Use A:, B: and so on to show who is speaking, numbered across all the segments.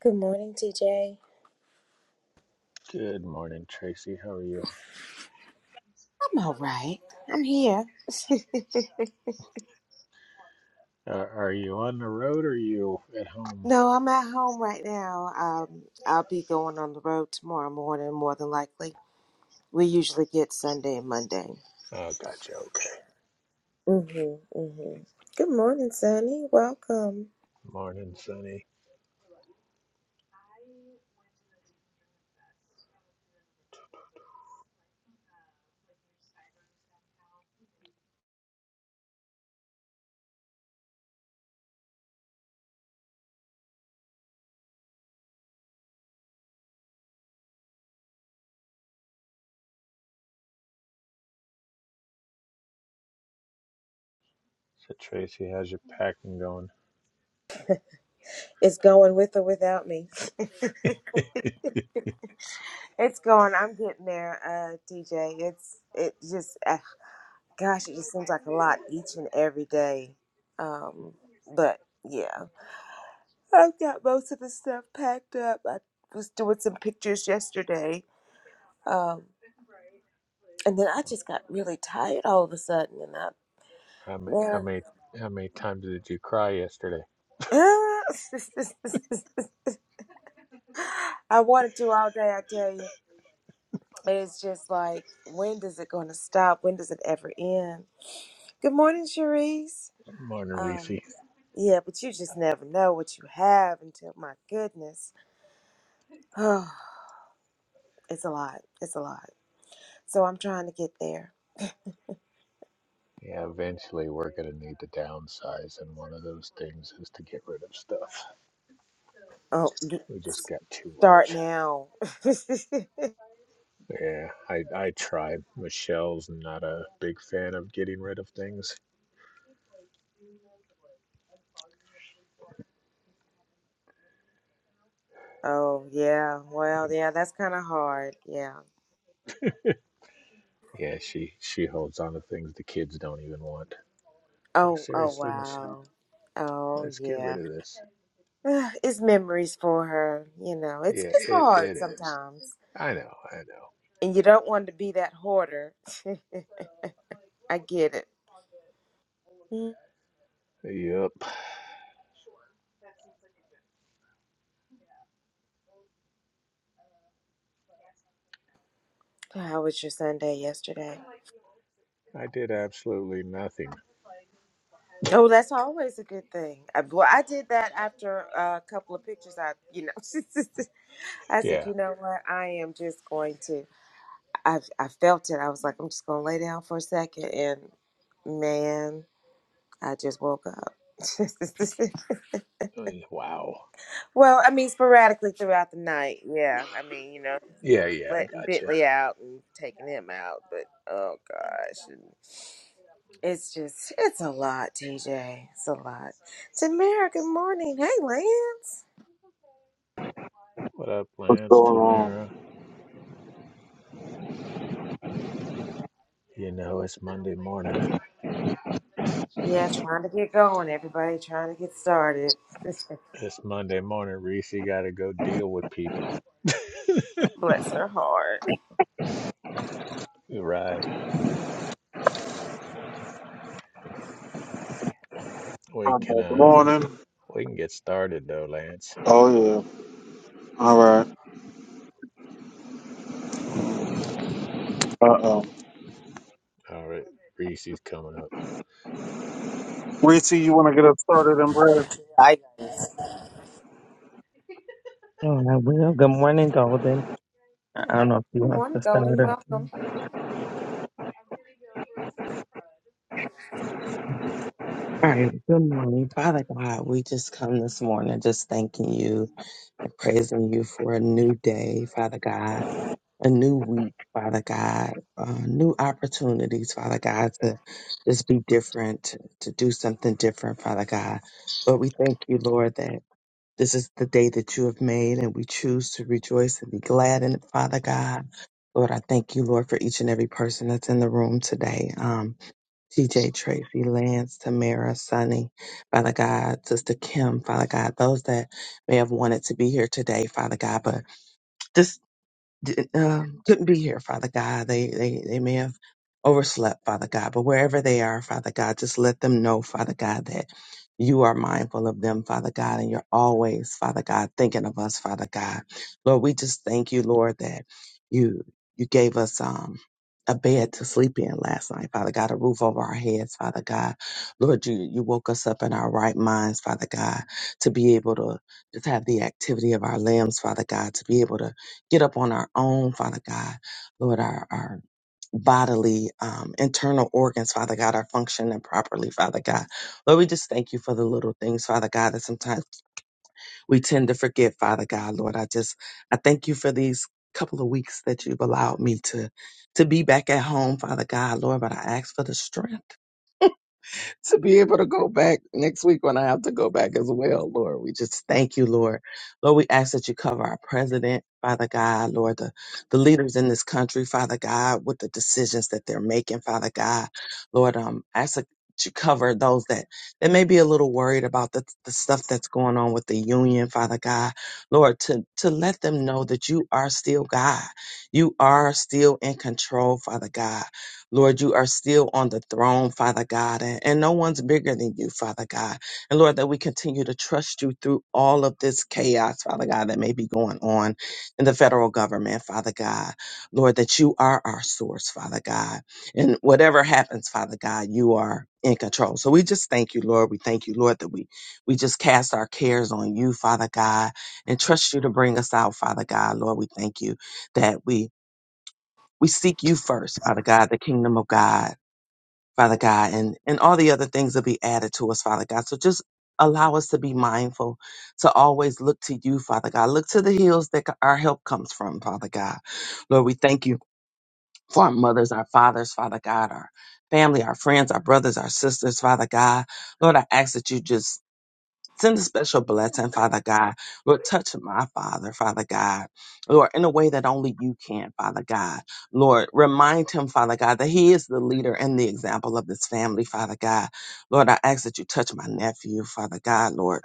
A: Good morning, TJ.
B: Good morning, Tracy. How are you?
A: I'm all right. I'm here.
B: Uh, are you on the road or are you at home?
A: no, I'm at home right now. Um, I'll be going on the road tomorrow morning, more than likely. We usually get Sunday and Monday.
B: Oh, gotcha. Okay.
A: Mhm, mhm. Good morning, Sonny. Welcome.
B: Morning, Sunny. So, Tracy, how's your packing going?
A: It's going with or without me. It's going. I'm getting there, uh, DJ. It's it just, uh, gosh, it just seems like a lot each and every day. Um, but yeah. I've got most of the stuff packed up. I was doing some pictures yesterday. Um, and then I just got really tired all of a sudden. And I,
B: How many, how
A: man,
B: many, how many times did you cry yesterday?
A: I I wanted to all day, I tell you. It's just like, when does it going to stop? When does it ever end? Good morning, Cherise.
B: Morning, Reese.
A: Um, yeah, but you just never know what you have until, my goodness. Oh, it's a lot. It's a lot. So I'm trying to get there.
B: Yeah, eventually we're gonna need to downsize, and one of those things is to get rid of stuff.
A: Oh,
B: We just got too
A: Start
B: much.
A: now.
B: Yeah, I I tried. Michelle's not a big fan of getting rid of things.
A: oh, yeah. Well, yeah, that's kind of hard. Yeah.
B: Yeah, she she holds on to things the kids don't even want. Like
A: Oh, oh,
B: seriously, Michelle,
A: wow. Oh,
B: let's get rid
A: yeah.
B: of this.
A: It's memories for her. You know, it's,
B: Yeah,
A: it's
B: it it
A: hard
B: is.
A: sometimes.
B: I know, I know.
A: And you don't want to be that hoarder. I get it. Mm.
B: Yep,
A: How was your Sunday yesterday?
B: I did absolutely nothing.
A: Oh, that's always a good thing. I, well, I did that after a couple of pictures. I, you know, I said,
B: Yeah.
A: you know what? I am just going to. I I felt it. I was like, I'm just gonna lay down for a second, and man, I just woke up.
B: Oh, yeah, Wow.
A: well, I mean, sporadically throughout the night. Yeah, I mean, you know,
B: Yeah, yeah, I
A: letting
B: gotcha.
A: Bentley out and taking him out, but oh gosh, and it's just it's a lot, TJ. It's a lot. Tamara, good morning. Hey, Lance.
B: What up,
C: What's
B: Lance,
C: going on?
B: Tamara? You know it's Monday morning.
A: Yeah, trying to get going. Everybody trying to get started.
B: It's Monday morning, Reese. You gotta go deal with people.
A: Bless her heart.
B: Right. We
C: Uh,
B: can
C: Good
B: uh
C: morning.
B: we can get started though, Lance.
C: Oh yeah. All right. Uh oh.
B: All right, Reese's coming up.
C: Reese, you want to get us started in prayer?
D: I.
E: Oh, I will. Good morning, Golden. I I don't know if you
A: Good
E: want
A: morning,
E: to start
A: Golden.
E: or.
A: Welcome.
E: All right. Good morning, Father God. We just come this morning just thanking you and praising you for a new day, Father God, a new week, Father God, uh, new opportunities, Father God, to just be different, to do something different, Father God. But we thank you, Lord, that. This is the day that you have made, and we choose to rejoice and be glad in it, Father God. Lord, I thank you, Lord, for each and every person that's in the room today. Um, TJ, Tracy, Lance, Tamara, Sunny, Father God, Sister Kim, Father God, those that may have wanted to be here today, Father God, but just did, um, couldn't be here, Father God. They, they, they may have overslept, Father God, but wherever they are, Father God, just let them know, Father God, that you are mindful of them, Father God, and you're always, Father God, thinking of us, Father God. Lord, we just thank you, Lord, that you, you gave us, um, a bed to sleep in last night, Father God, a roof over our heads, Father God. Lord, you, you woke us up in our right minds, Father God, to be able to just have the activity of our limbs, Father God, to be able to get up on our own, Father God, Lord, our, our bodily um, internal organs, Father God, are functioning properly, Father God. Lord, we just thank you for the little things, Father God, that sometimes we tend to forget, Father God. Lord, I just I thank you for these couple of weeks that you've allowed me to to be back at home, Father God, Lord, but I ask for the strength. to be able to go back next week when I have to go back as well, Lord. We just thank you, Lord. Lord, we ask that you cover our president, Father God, Lord, the, the leaders in this country, Father God, with the decisions that they're making, Father God. Lord, um, ask that you cover those that, that may be a little worried about the, the stuff that's going on with the union, Father God. Lord, to, to let them know that you are still God. You are still in control, Father God. Lord, you are still on the throne, Father God, and, and no one's bigger than you, Father God. And Lord, that we continue to trust you through all of this chaos, Father God, that may be going on in the federal government, Father God. Lord, that you are our source, Father God. And whatever happens, Father God, you are in control. So we just thank you, Lord. We thank you, Lord, that we we just cast our cares on you, Father God, and trust you to bring us out, Father God. Lord, we thank you that we we seek you first, Father God, the kingdom of God Father God, and, and all the other things will be added to us, Father God. So just allow us to be mindful, to always look to you, Father God. Look to the hills that c- our help comes from, Father God. Lord, we thank you for our mothers, our fathers, Father God, our family, our friends, our brothers, our sisters, Father God. Lord, I ask that you just Send a special blessing, Father God. Lord, touch my father, Father God. Lord, in a way that only you can, Father God. Lord, remind him, Father God, that he is the leader and the example of this family, Father God. Lord, I ask that you touch my nephew, Father God, Lord.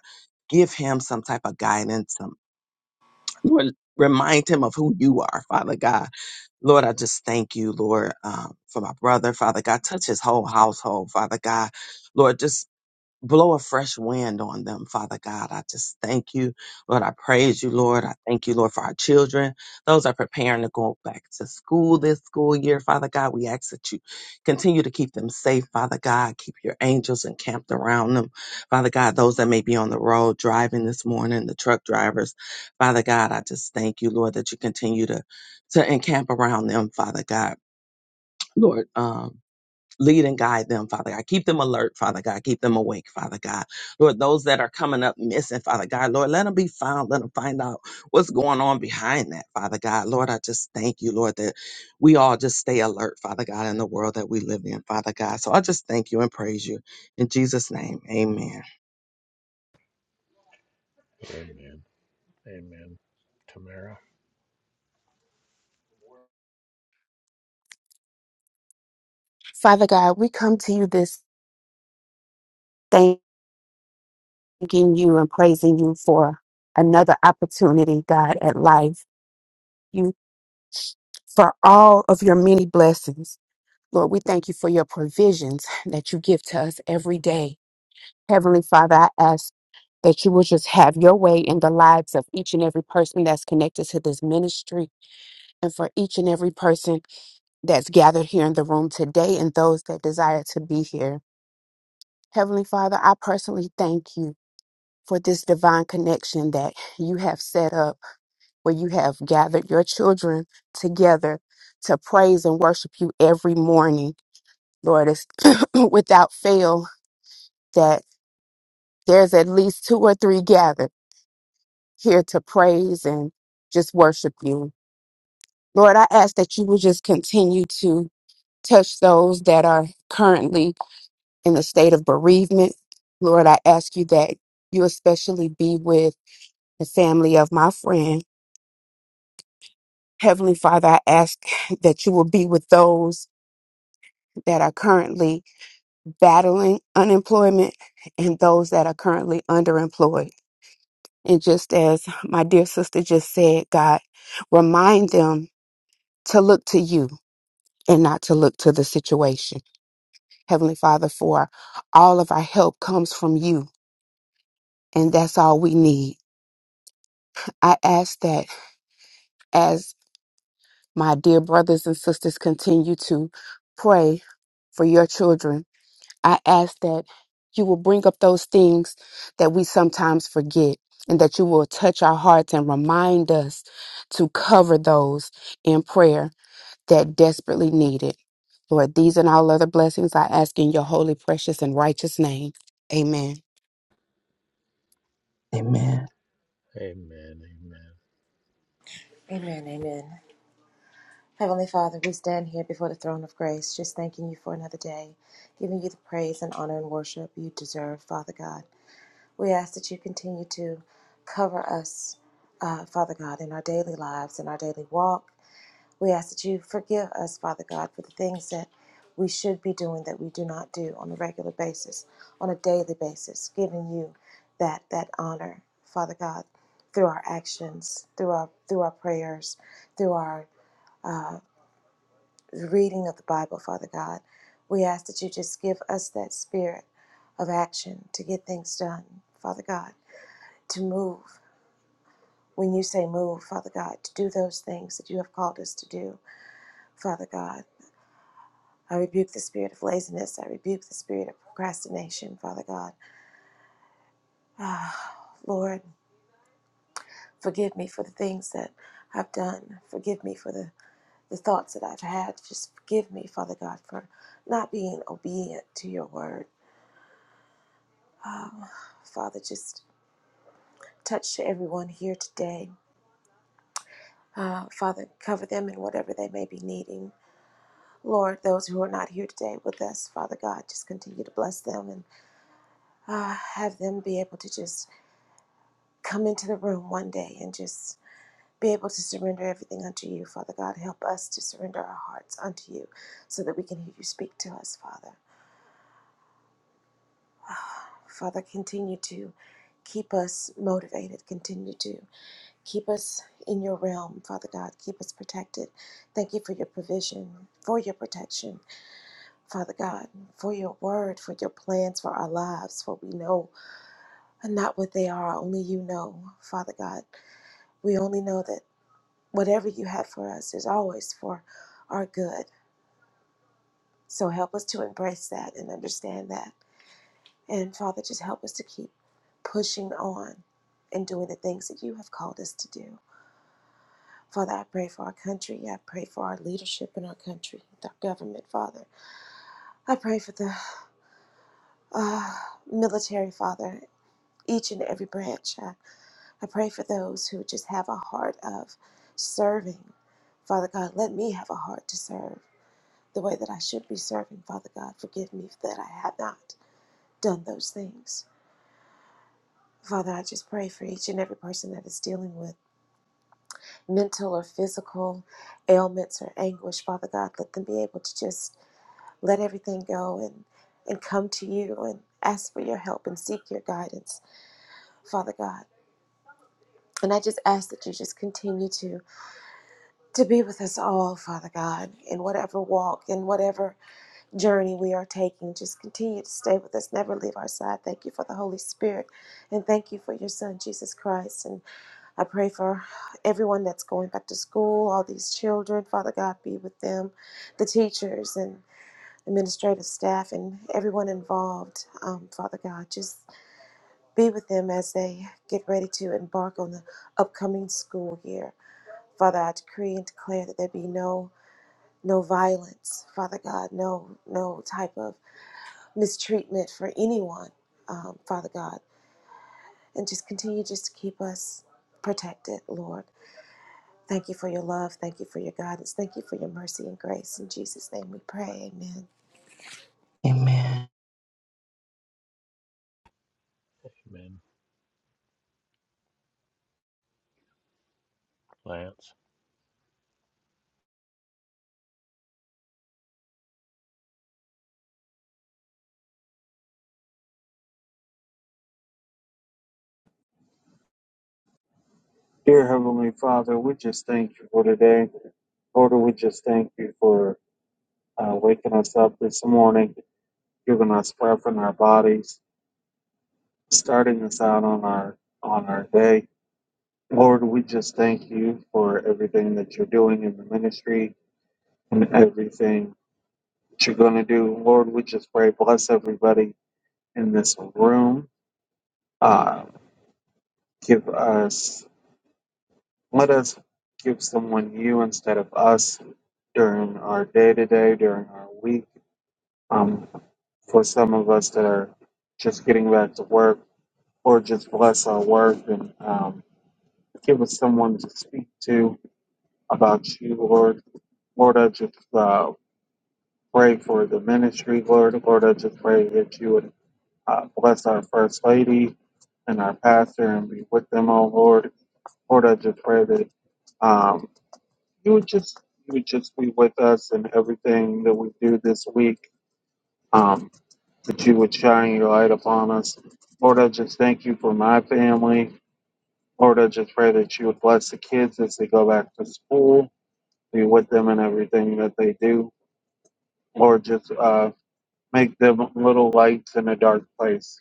E: Give him some type of guidance. Some, Lord, remind him of who you are, Father God. Lord, I just thank you, Lord, um, for my brother, Father God. Touch his whole household, Father God. Lord, just blow a fresh wind on them, Father God. I just thank you, Lord. I praise you, Lord. I thank you, Lord, for our children. Those are preparing to go back to school this school year, Father God. We ask that you continue to keep them safe, Father God. Keep your angels encamped around them, Father God. Those that may be on the road driving this morning, the truck drivers, Father God. I just thank you, Lord, that you continue to to encamp around them, Father God. Lord, um, Lead and guide them, Father God. Keep them alert, Father God. Keep them awake, Father God. Lord, those that are coming up missing, Father God, Lord, let them be found. Let them find out what's going on behind that, Father God. Lord, I just thank you, Lord, that we all just stay alert, Father God, in the world that we live in, Father God. So I just thank you and praise you. In Jesus' name, amen.
B: Amen. Amen. Tamara.
F: Father God, we come to you this thanking you and praising you for another opportunity, God, at life. You for all of your many blessings. Lord, we thank you for your provisions that you give to us every day. Heavenly Father, I ask that you will just have your way in the lives of each and every person that's connected to this ministry and for each and every person that's gathered here in the room today and those that desire to be here. Heavenly Father, I personally thank you for this divine connection that you have set up, where you have gathered your children together to praise and worship you every morning, Lord. It's without fail that there's at least two or three gathered here to praise and just worship you. Lord, I ask that you will just continue to touch those that are currently in the state of bereavement. Lord, I ask you that you especially be with the family of my friend Heavenly Father, I ask that you will be with those that are currently battling unemployment and those that are currently underemployed. And just as my dear sister just said, God, remind them to look to you and not to look to the situation. Heavenly Father, for all of our help comes from you, and that's all we need. I ask that as my dear brothers and sisters continue to pray for your children I ask that you will bring up those things that we sometimes forget and that you will touch our hearts and remind us to cover those in prayer that desperately need it. Lord, these and all other blessings I ask in your holy, precious, and righteous name. Amen.
E: Amen.
B: Amen. Amen.
A: Amen. Amen. Heavenly Father, we stand here before the throne of grace, just thanking you for another day, giving you the praise and honor and worship you deserve, Father God. We ask that you continue to cover us, uh, Father God, in our daily lives, in our daily walk. We ask that you forgive us, Father God, for the things that we should be doing that we do not do on a regular basis, on a daily basis, giving you that that honor, Father God, through our actions, through our through our prayers, through our uh, the reading of the Bible, Father God. We ask that you just give us that spirit of action to get things done, Father God, to move. When you say move, Father God, to do those things that you have called us to do, Father God. I rebuke the spirit of laziness. I rebuke the spirit of procrastination, Father God. Ah, Lord, forgive me for the things that I've done. Forgive me for the, the thoughts that I've had. Just forgive me, Father God, for not being obedient to your word Um, Father, just touch everyone here today. Uh, Father, cover them in whatever they may be needing. Lord, those who are not here today with us, Father God, just continue to bless them and uh, have them be able to just come into the room one day and just be able to surrender everything unto you, Father God. Help us to surrender our hearts unto you so that we can hear you speak to us, Father. Father, continue to keep us motivated, continue to Keep us in your realm, Father God. Keep us protected. Thank you for your provision, for your protection, Father God, for your word, for your plans for our lives, for we know and not what they are, only you know, Father God. We only know that whatever you have for us is always for our good. So help us to embrace that and understand that. And Father, just help us to keep pushing on and doing the things that you have called us to do. Father, I pray for our country. I pray for our leadership in our country, our government, Father. I pray for the uh, military, Father, each and every branch. I, I pray for those who just have a heart of serving. Father God, let me have a heart to serve the way that I should be serving, Father God. Forgive me that I have not done those things. Father, I just pray for each and every person that is dealing with mental or physical ailments or anguish, Father God. Let them be able to just let everything go and, and come to you and ask for your help and seek your guidance, Father God. And I just ask that you just continue to, to be with us all, Father God, in whatever walk, in whatever journey we are taking. Just continue to stay with us, never leave our side. Thank you for the Holy Spirit, and thank you for your Son, Jesus Christ. And I pray for everyone that's going back to school, all these children, Father God, be with them, the teachers, and administrative staff and everyone involved, um, Father God. Just be with them as they get ready to embark on the upcoming school year. Father, I decree and declare that there be no no violence, Father God, no no type of mistreatment for anyone, um, Father God, and just continue just to keep us protected, Lord. Thank you for your love. Thank you for your guidance. Thank you for your mercy and grace. In Jesus' name we pray. Amen.
E: Amen.
B: Amen. Lance.
C: Dear Heavenly Father, we just thank you for today. Lord, we just thank you for uh, waking us up this morning, giving us breath in our bodies, starting us out on our on our day. Lord, we just thank you for everything that you're doing in the ministry and everything that you're going to do. Lord, we just pray bless everybody in this room. Uh, Give us, let us give someone you instead of us during our day to day, during our week. Um, for some of us that are just getting back to work, or just bless our work and um, give us someone to speak to about you, Lord. Lord, I just uh, pray for the ministry, Lord. Lord, I just pray that you would uh, bless our First Lady and our pastor and be with them, oh Lord. Lord, I just pray that. Um, you would just you would just be with us in everything that we do this week. Um, that you would shine your light upon us. Lord, I just thank you for my family. Lord, I just pray that you would bless the kids as they go back to school, be with them in everything that they do. Lord, just uh, make them little lights in a dark place.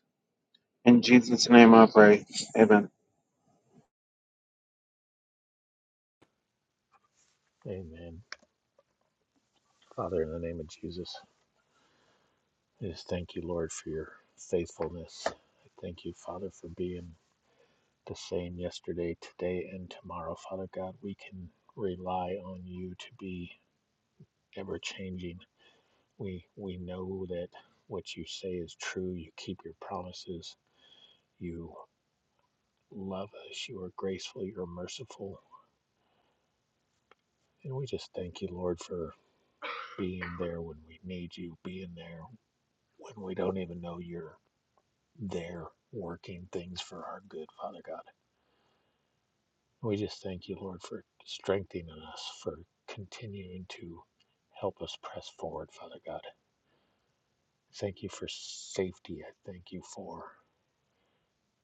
C: In Jesus' name I pray. Amen.
B: Amen. Father, in the name of Jesus, I just thank you, Lord, for your faithfulness. I thank you, Father, for being the same yesterday, today, and tomorrow. Father God, we can rely on you to be ever changing. We we know that what you say is true. You keep your promises You love us. You are graceful. You're merciful. And we just thank you, Lord, for being there when we need you, being there when we don't even know you're there, working things for our good, Father God. We just thank you, Lord, for strengthening us, for continuing to help us press forward, Father God. Thank you for safety. I thank you for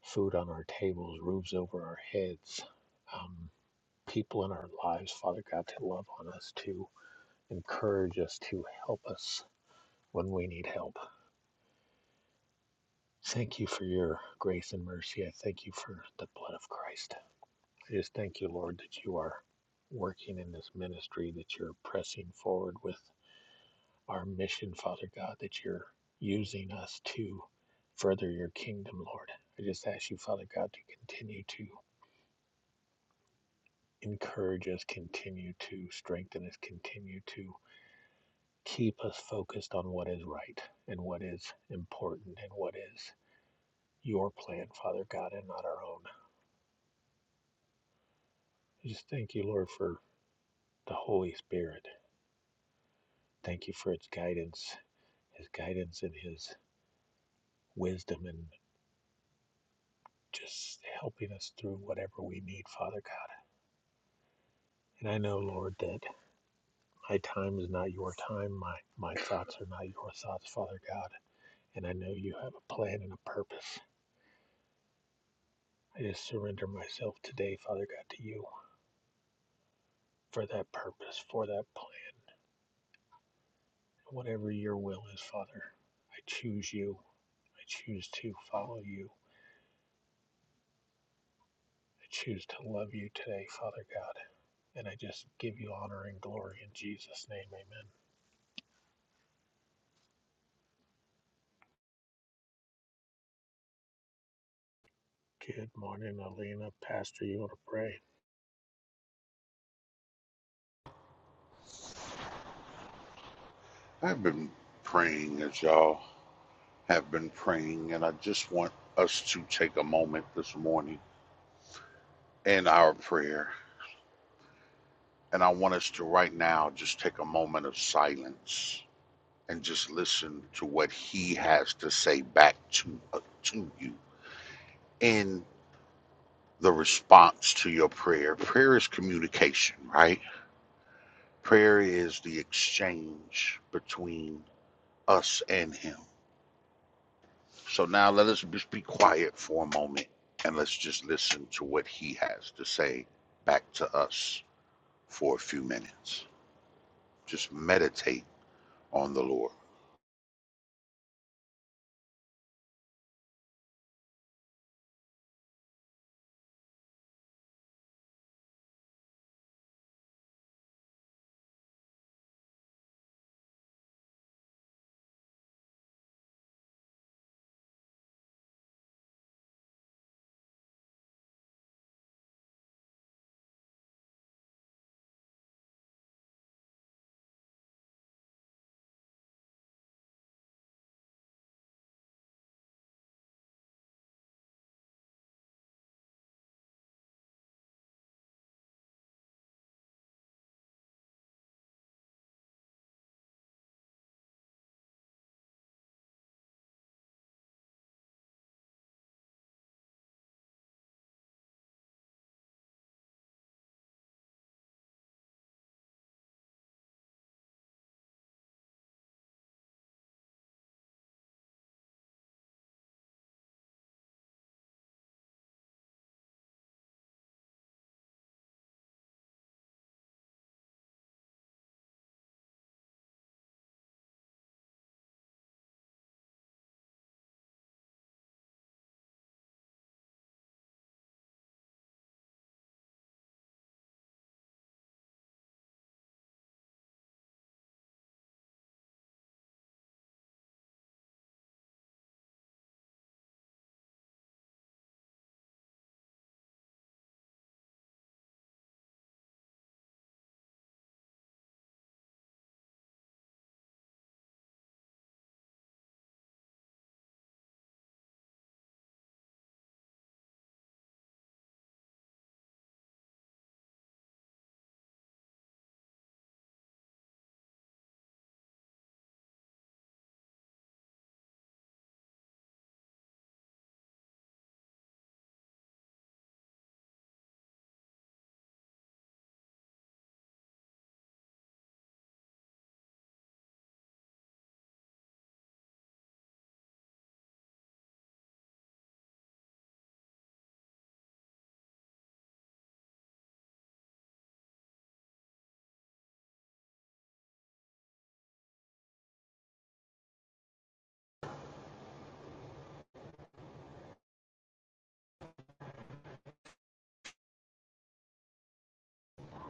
B: food on our tables, roofs over our heads, um, people in our lives, Father God, to love on us, too encourage us to help us when we need help. Thank you for your grace and mercy. I thank you for the blood of Christ. I just thank you, Lord, that you are working in this ministry, that you're pressing forward with our mission, Father God, that you're using us to further your kingdom, Lord. I just ask you, Father God, to continue to encourage us, continue to strengthen us, continue to keep us focused on what is right and what is important and what is your plan, Father God, and not our own. I just thank you, Lord, for the Holy Spirit. Thank you for its guidance, his guidance and his wisdom and just helping us through whatever we need, Father God. And I know, Lord, that my time is not your time. My my thoughts are not your thoughts, Father God. And I know you have a plan and a purpose. I just surrender myself today, Father God, to you for that purpose, for that plan. Whatever your will is, Father, I choose you. I choose to follow you. I choose to love you today, Father God. And I just give you honor and glory in Jesus' name. Amen. Good morning, Alina. Pastor, you want to pray?
G: I've been praying as y'all have been praying, and I just want us to take a moment this morning in our prayer. And I want us to right now just take a moment of silence and just listen to what He has to say back to, uh, to you in the response to your prayer. Prayer is communication, right? Prayer is the exchange between us and Him. So now let us just be quiet for a moment and let's just listen to what he has to say back to us for a few minutes. Just meditate on the Lord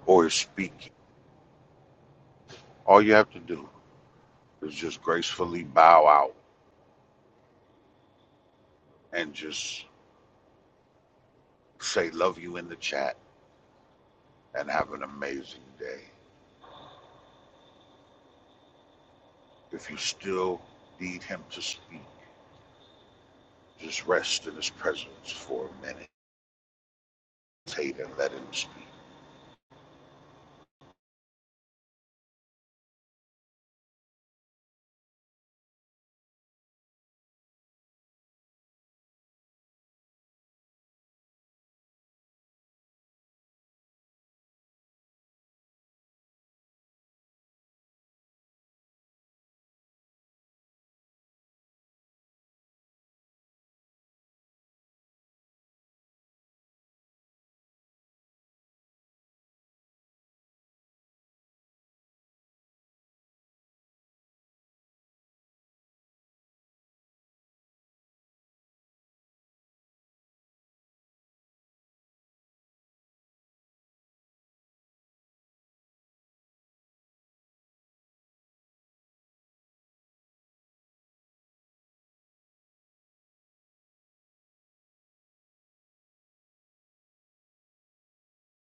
G: or his speaking. All you have to do is just gracefully bow out and just say, Love you in the chat and have an amazing day. If you still need him to speak, just rest in his presence for a minute. Meditate and let him speak.